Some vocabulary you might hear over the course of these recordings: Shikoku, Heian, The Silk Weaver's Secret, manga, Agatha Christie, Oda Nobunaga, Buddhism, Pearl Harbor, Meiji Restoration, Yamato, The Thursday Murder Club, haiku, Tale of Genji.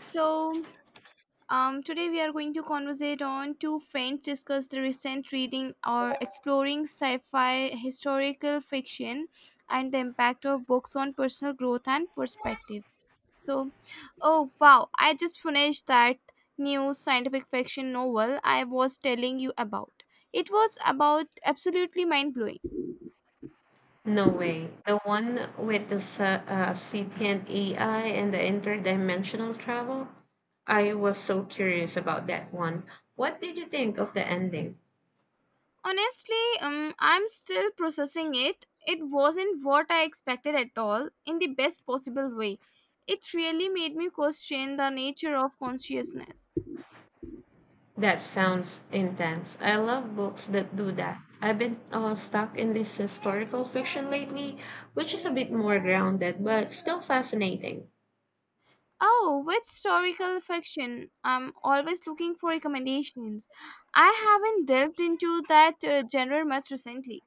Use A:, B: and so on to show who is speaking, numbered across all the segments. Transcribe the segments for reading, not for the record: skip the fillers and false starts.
A: So, Today we are going to conversate on two friends discuss the recent reading or exploring sci-fi historical fiction and the impact of books on personal growth and perspective. So, oh wow, I just finished that new scientific fiction novel I was telling you about. It was about absolutely mind blowing.
B: No way. The one with the sentient AI and the interdimensional travel? I was so curious about that one. What did you think of the ending?
A: Honestly, I'm still processing it. It wasn't what I expected at all, in the best possible way. It really made me question the nature of consciousness.
B: That sounds intense. I love books that do that. I've been stuck in this historical fiction lately, which is a bit more grounded but still fascinating.
A: Oh, with historical fiction, I'm always looking for recommendations. I haven't delved into that genre much recently.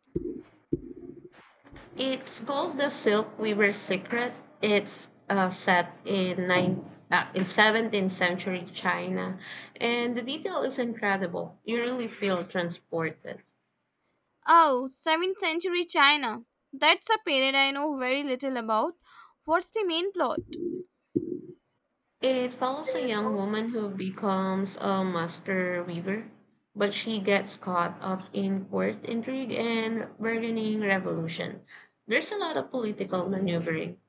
B: It's called the Silk Weaver's Secret. It's set in 17th century China, and the detail is incredible. You really feel transported.
A: Oh, 7th century China. That's a period I know very little about. What's the main plot?
B: It follows a young woman who becomes a master weaver, but she gets caught up in court intrigue and bargaining revolution. There's a lot of political maneuvering.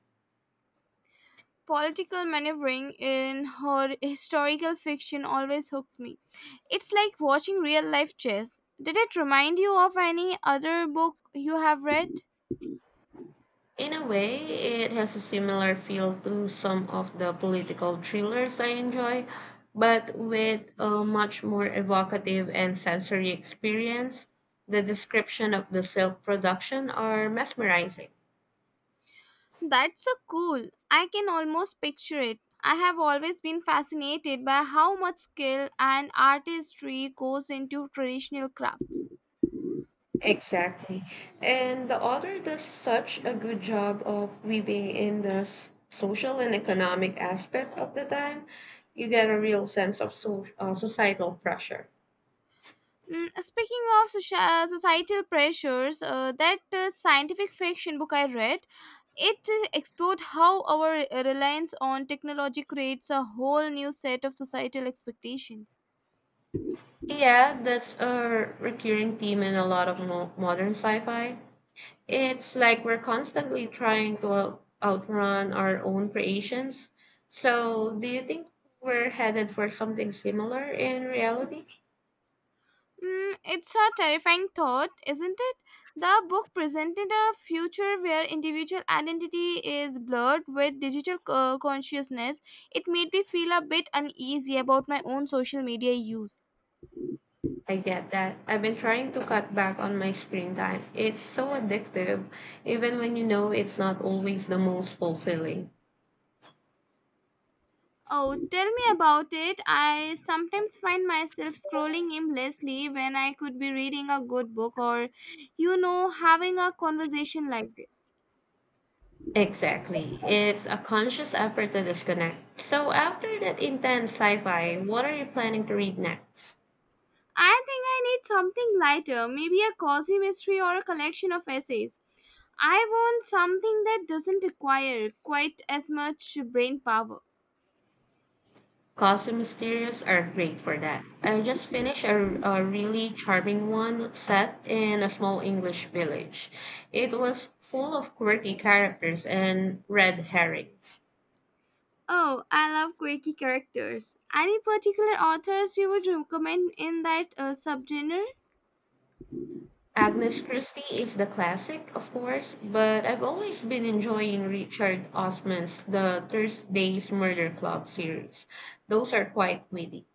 A: Political maneuvering in her historical fiction always hooks me. It's like watching real life chess. Did it remind you of any other book you have read?
B: In a way, it has a similar feel to some of the political thrillers I enjoy, but with a much more evocative and sensory experience. The description of the silk production are mesmerizing.
A: That's so cool. I can almost picture it. I have always been fascinated by how much skill and artistry goes into traditional crafts.
B: Exactly. And the author does such a good job of weaving in the social and economic aspect of the time. You get a real sense of societal pressure.
A: Speaking of societal pressures, that scientific fiction book I read, it explored how our reliance on technology creates a whole new set of societal expectations.
B: Yeah, that's a recurring theme in a lot of modern sci-fi. It's like we're constantly trying to outrun our own creations. So, do you think we're headed for something similar in reality?
A: It's a terrifying thought, isn't it? The book presented a future where individual identity is blurred with digital consciousness. It made me feel a bit uneasy about my own social media use.
B: I get that. I've been trying to cut back on my screen time. It's so addictive, even when you know it's not always the most fulfilling.
A: Oh, tell me about it. I sometimes find myself scrolling aimlessly when I could be reading a good book or, having a conversation like this.
B: Exactly. It's a conscious effort to disconnect. So, after that intense sci fi, what are you planning to read next?
A: I think I need something lighter, maybe a cozy mystery or a collection of essays. I want something that doesn't require quite as much brain power.
B: Cosmic Mysterious are great for that. I just finished a really charming one set in a small English village. It was full of quirky characters and red herrings.
A: Oh, I love quirky characters. Any particular authors you would recommend in that subgenre?
B: Agnes Christie is the classic, of course, but I've always been enjoying Richard Osman's The Thursday's Murder Club series. Those are quite witty.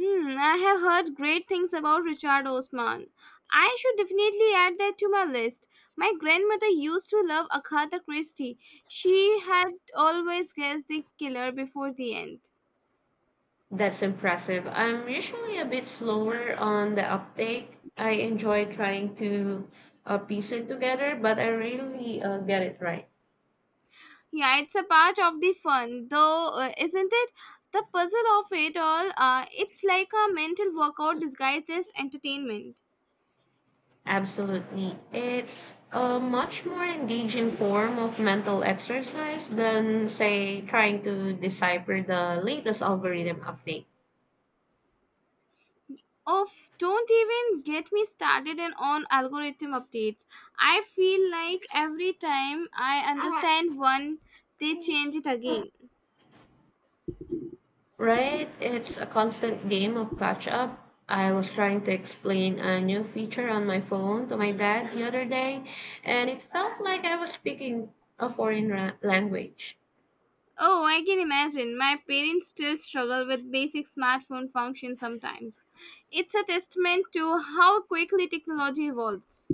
A: Hmm, I have heard great things about Richard Osman. I should definitely add that to my list. My grandmother used to love Agatha Christie. She had always guessed the killer before the end.
B: That's impressive. I'm usually a bit slower on the uptake. I enjoy trying to piece it together, but I rarely get it right.
A: Yeah, it's a part of the fun, though, isn't it? The puzzle of it all, it's like a mental workout disguised as entertainment.
B: Absolutely. It's a much more engaging form of mental exercise than, say, trying to decipher the latest algorithm update.
A: Oh, don't even get me started in on algorithm updates. I feel like every time I understand one, they change it again.
B: Right? It's a constant game of catch up. I was trying to explain a new feature on my phone to my dad the other day, and it felt like I was speaking a foreign language.
A: Oh, I can imagine. My parents still struggle with basic smartphone functions sometimes. It's a testament to how quickly technology evolves.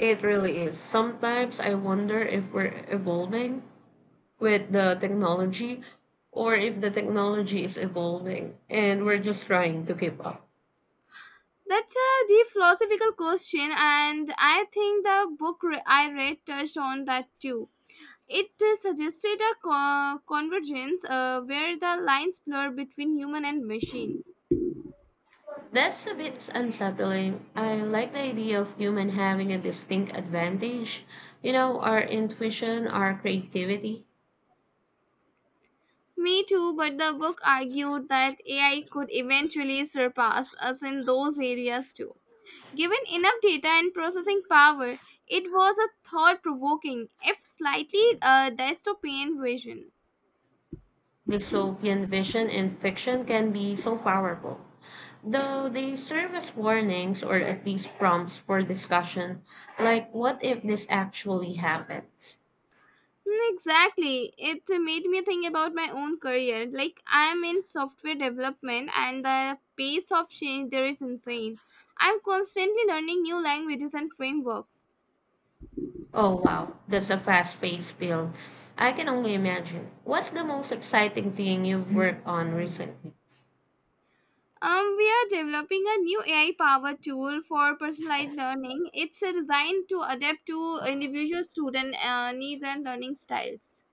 B: It really is. Sometimes I wonder if we're evolving with the technology or if the technology is evolving and we're just trying to keep up.
A: That's a deep philosophical question, and I think the I read touched on that too. It suggested a convergence where the lines blur between human and machine.
B: That's a bit unsettling. I like the idea of human having a distinct advantage. You know, our intuition, our creativity,
A: Me too, but the book argued that AI could eventually surpass us in those areas too. Given enough data and processing power, it was a thought provoking, if slightly dystopian vision.
B: dystopian vision in fiction can be so powerful. Though they serve as warnings or at least prompts for discussion, like what if this actually happens?
A: Exactly. It made me think about my own career. Like, I am in software development, and the pace of change there is insane. I'm constantly learning new languages and frameworks.
B: Oh wow, that's a fast paced build. I can only imagine. What's the most exciting thing you've worked on recently?
A: We are developing a new AI powered tool for personalized learning. It's designed to adapt to individual student needs and learning styles.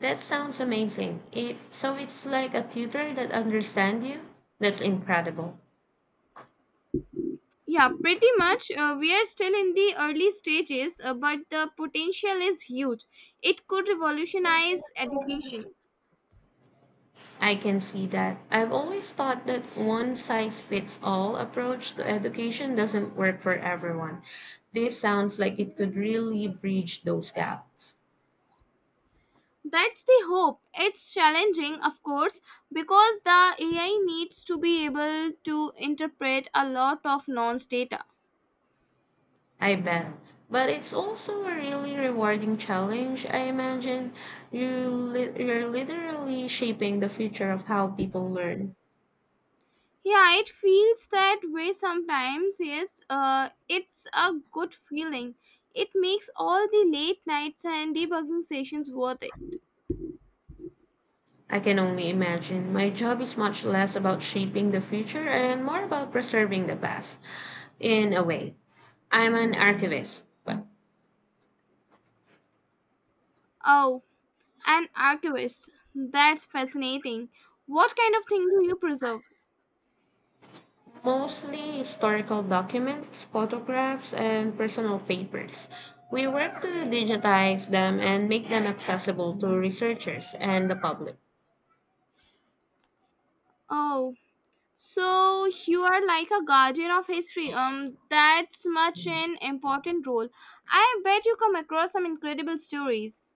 B: That sounds amazing. It so it's like a tutor that understands you? That's incredible.
A: Yeah, pretty much. We are still in the early stages, but the potential is huge. It could revolutionize education.
B: I can see that. I've always thought that one size fits all approach to education doesn't work for everyone. This sounds like it could really bridge those gaps.
A: That's the hope. It's challenging, of course, because the AI needs to be able to interpret a lot of nonce data.
B: I bet. But it's also a really rewarding challenge, I imagine. You're literally shaping the future of how people learn.
A: Yeah, it feels that way sometimes. Yes, it's a good feeling. It makes all the late nights and debugging sessions worth it.
B: I can only imagine. My job is much less about shaping the future and more about preserving the past, in a way. I'm an archivist, but
A: Oh, an archivist. That's fascinating. What kind of thing do you preserve?
B: mostly historical documents, photographs, and personal papers. We work to digitize them and make them accessible to researchers and the public.
A: Oh, so you are like a guardian of history. That's much an important role. I bet you come across some incredible stories.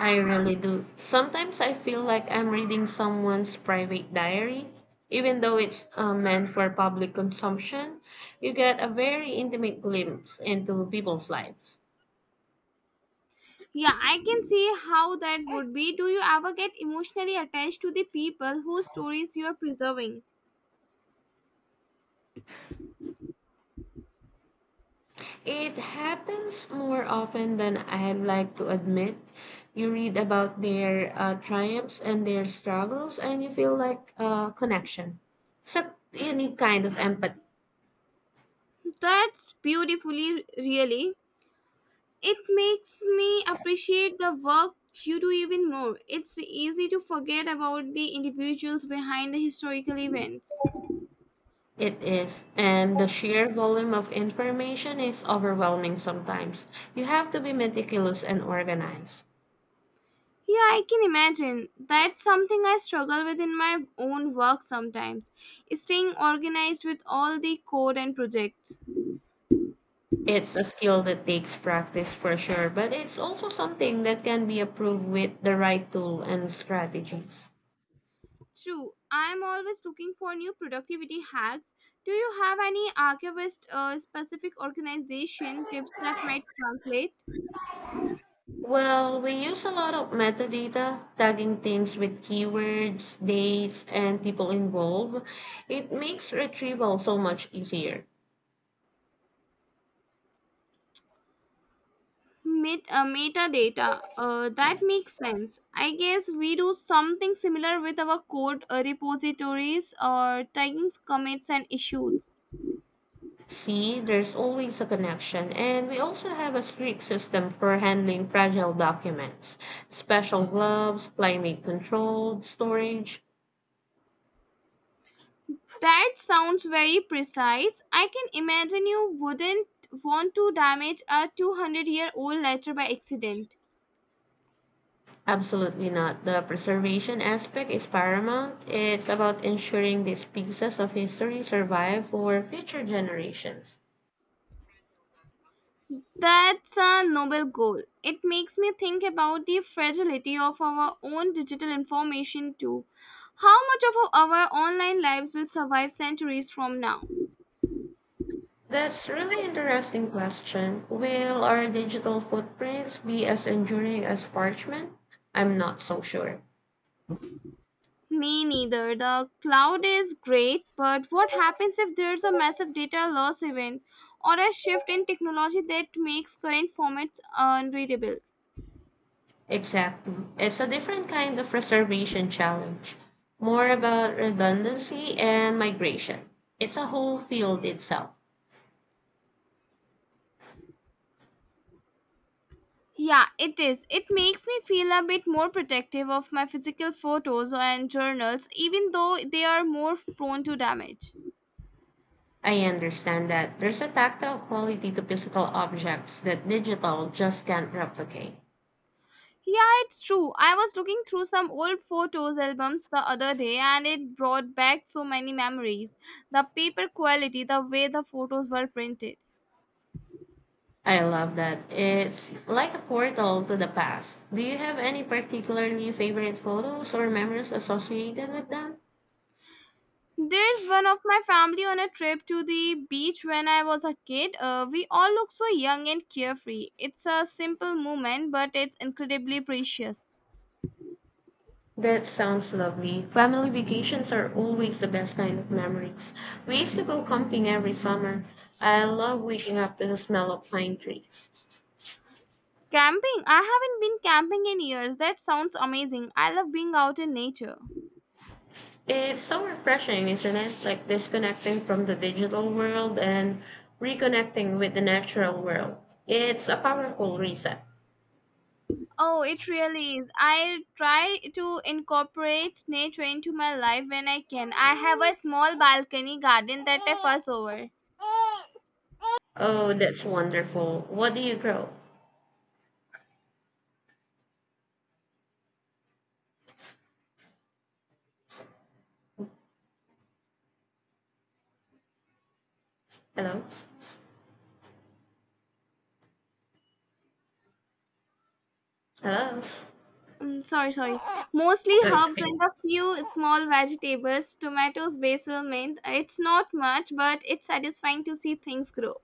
B: I really do. Sometimes I feel like I'm reading someone's private diary, even though it's meant for public consumption. You get a very intimate glimpse into people's lives.
A: Yeah, I can see how that would be. Do you ever get emotionally attached to the people whose stories you are preserving?
B: It happens more often than I'd like to admit. You read about their triumphs and their struggles, and you feel like a connection. It's a unique kind of empathy.
A: That's beautifully, really. It makes me appreciate the work you do even more. It's easy to forget about the individuals behind the historical events.
B: It is, and the sheer volume of information is overwhelming sometimes. You have to be meticulous and organized.
A: Yeah, I can imagine. That's something I struggle with in my own work sometimes, staying organized with all the code and projects.
B: It's a skill that takes practice for sure, but it's also something that can be improved with the right tool and strategies.
A: True, I'm always looking for new productivity hacks. Do you have any archivist specific organization tips that might translate?
B: Well, we use a lot of metadata, tagging things with keywords, dates, and people involved. It makes retrieval so much easier.
A: Metadata, that makes sense. I guess we do something similar with our code repositories or tagging commits and issues.
B: See, there's always a connection, and we also have a strict system for handling fragile documents. Special gloves, climate controlled storage.
A: That sounds very precise. I can imagine you wouldn't want to damage a 200-year-old letter by accident.
B: Absolutely not. The preservation aspect is paramount. It's about ensuring these pieces of history survive for future generations.
A: That's a noble goal. It makes me think about the fragility of our own digital information, too. How much of our online lives will survive centuries from now?
B: That's really interesting question. Will our digital footprints be as enduring as parchment? I'm not so sure.
A: Me neither. The cloud is great, but what happens if there's a massive data loss event or a shift in technology that makes current formats unreadable?
B: Exactly. It's a different kind of reservation challenge, more about redundancy and migration. It's a whole field itself.
A: Yeah, it is. It makes me feel a bit more protective of my physical photos and journals, even though they are more prone to damage.
B: I understand that there's a tactile quality to physical objects that digital just can't replicate.
A: Yeah, it's true. I was looking through some old photos albums the other day and it brought back so many memories. The paper quality, the way the photos were printed.
B: I love that. It's like a portal to the past. Do you have any particularly favorite photos or memories associated with them?
A: There's one of my family on a trip to the beach when I was a kid. We all look so young and carefree. It's a simple moment, but it's incredibly precious.
B: That sounds lovely. Family vacations are always the best kind of memories. We used to go camping every summer. I love waking up to the smell of pine trees.
A: Camping? I haven't been camping in years. That sounds amazing. I love being out in nature.
B: It's so refreshing, isn't it? Like disconnecting from the digital world and reconnecting with the natural world. It's a powerful reset.
A: Oh, it really is. I try to incorporate nature into my life when I can. I have a small balcony garden that I fuss over.
B: Oh, that's wonderful. What do you grow? Hello? Hello? Oh,
A: Sorry, sorry. Mostly
B: it's
A: herbs
B: okay.
A: and a few small vegetables, tomatoes, basil, mint. It's not much, but it's satisfying to see things grow.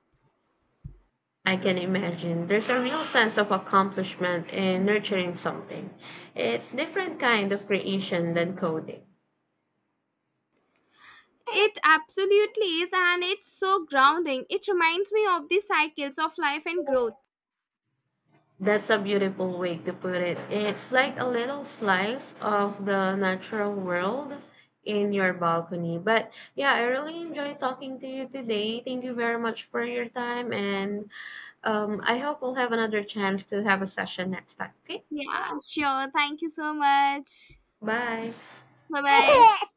B: I can imagine. There's a real sense of accomplishment in nurturing something. It's different kind of creation than coding.
A: It absolutely is, and it's so grounding. It reminds me of the cycles of life and growth.
B: That's a beautiful way to put it. It's like a little slice of the natural world in your balcony. But yeah, I really enjoy talking to you today. Thank you very much for your time and I hope we'll have another chance to have a session next time. Okay?
A: Yeah, sure. Thank you so much.
B: Bye.
A: Bye bye.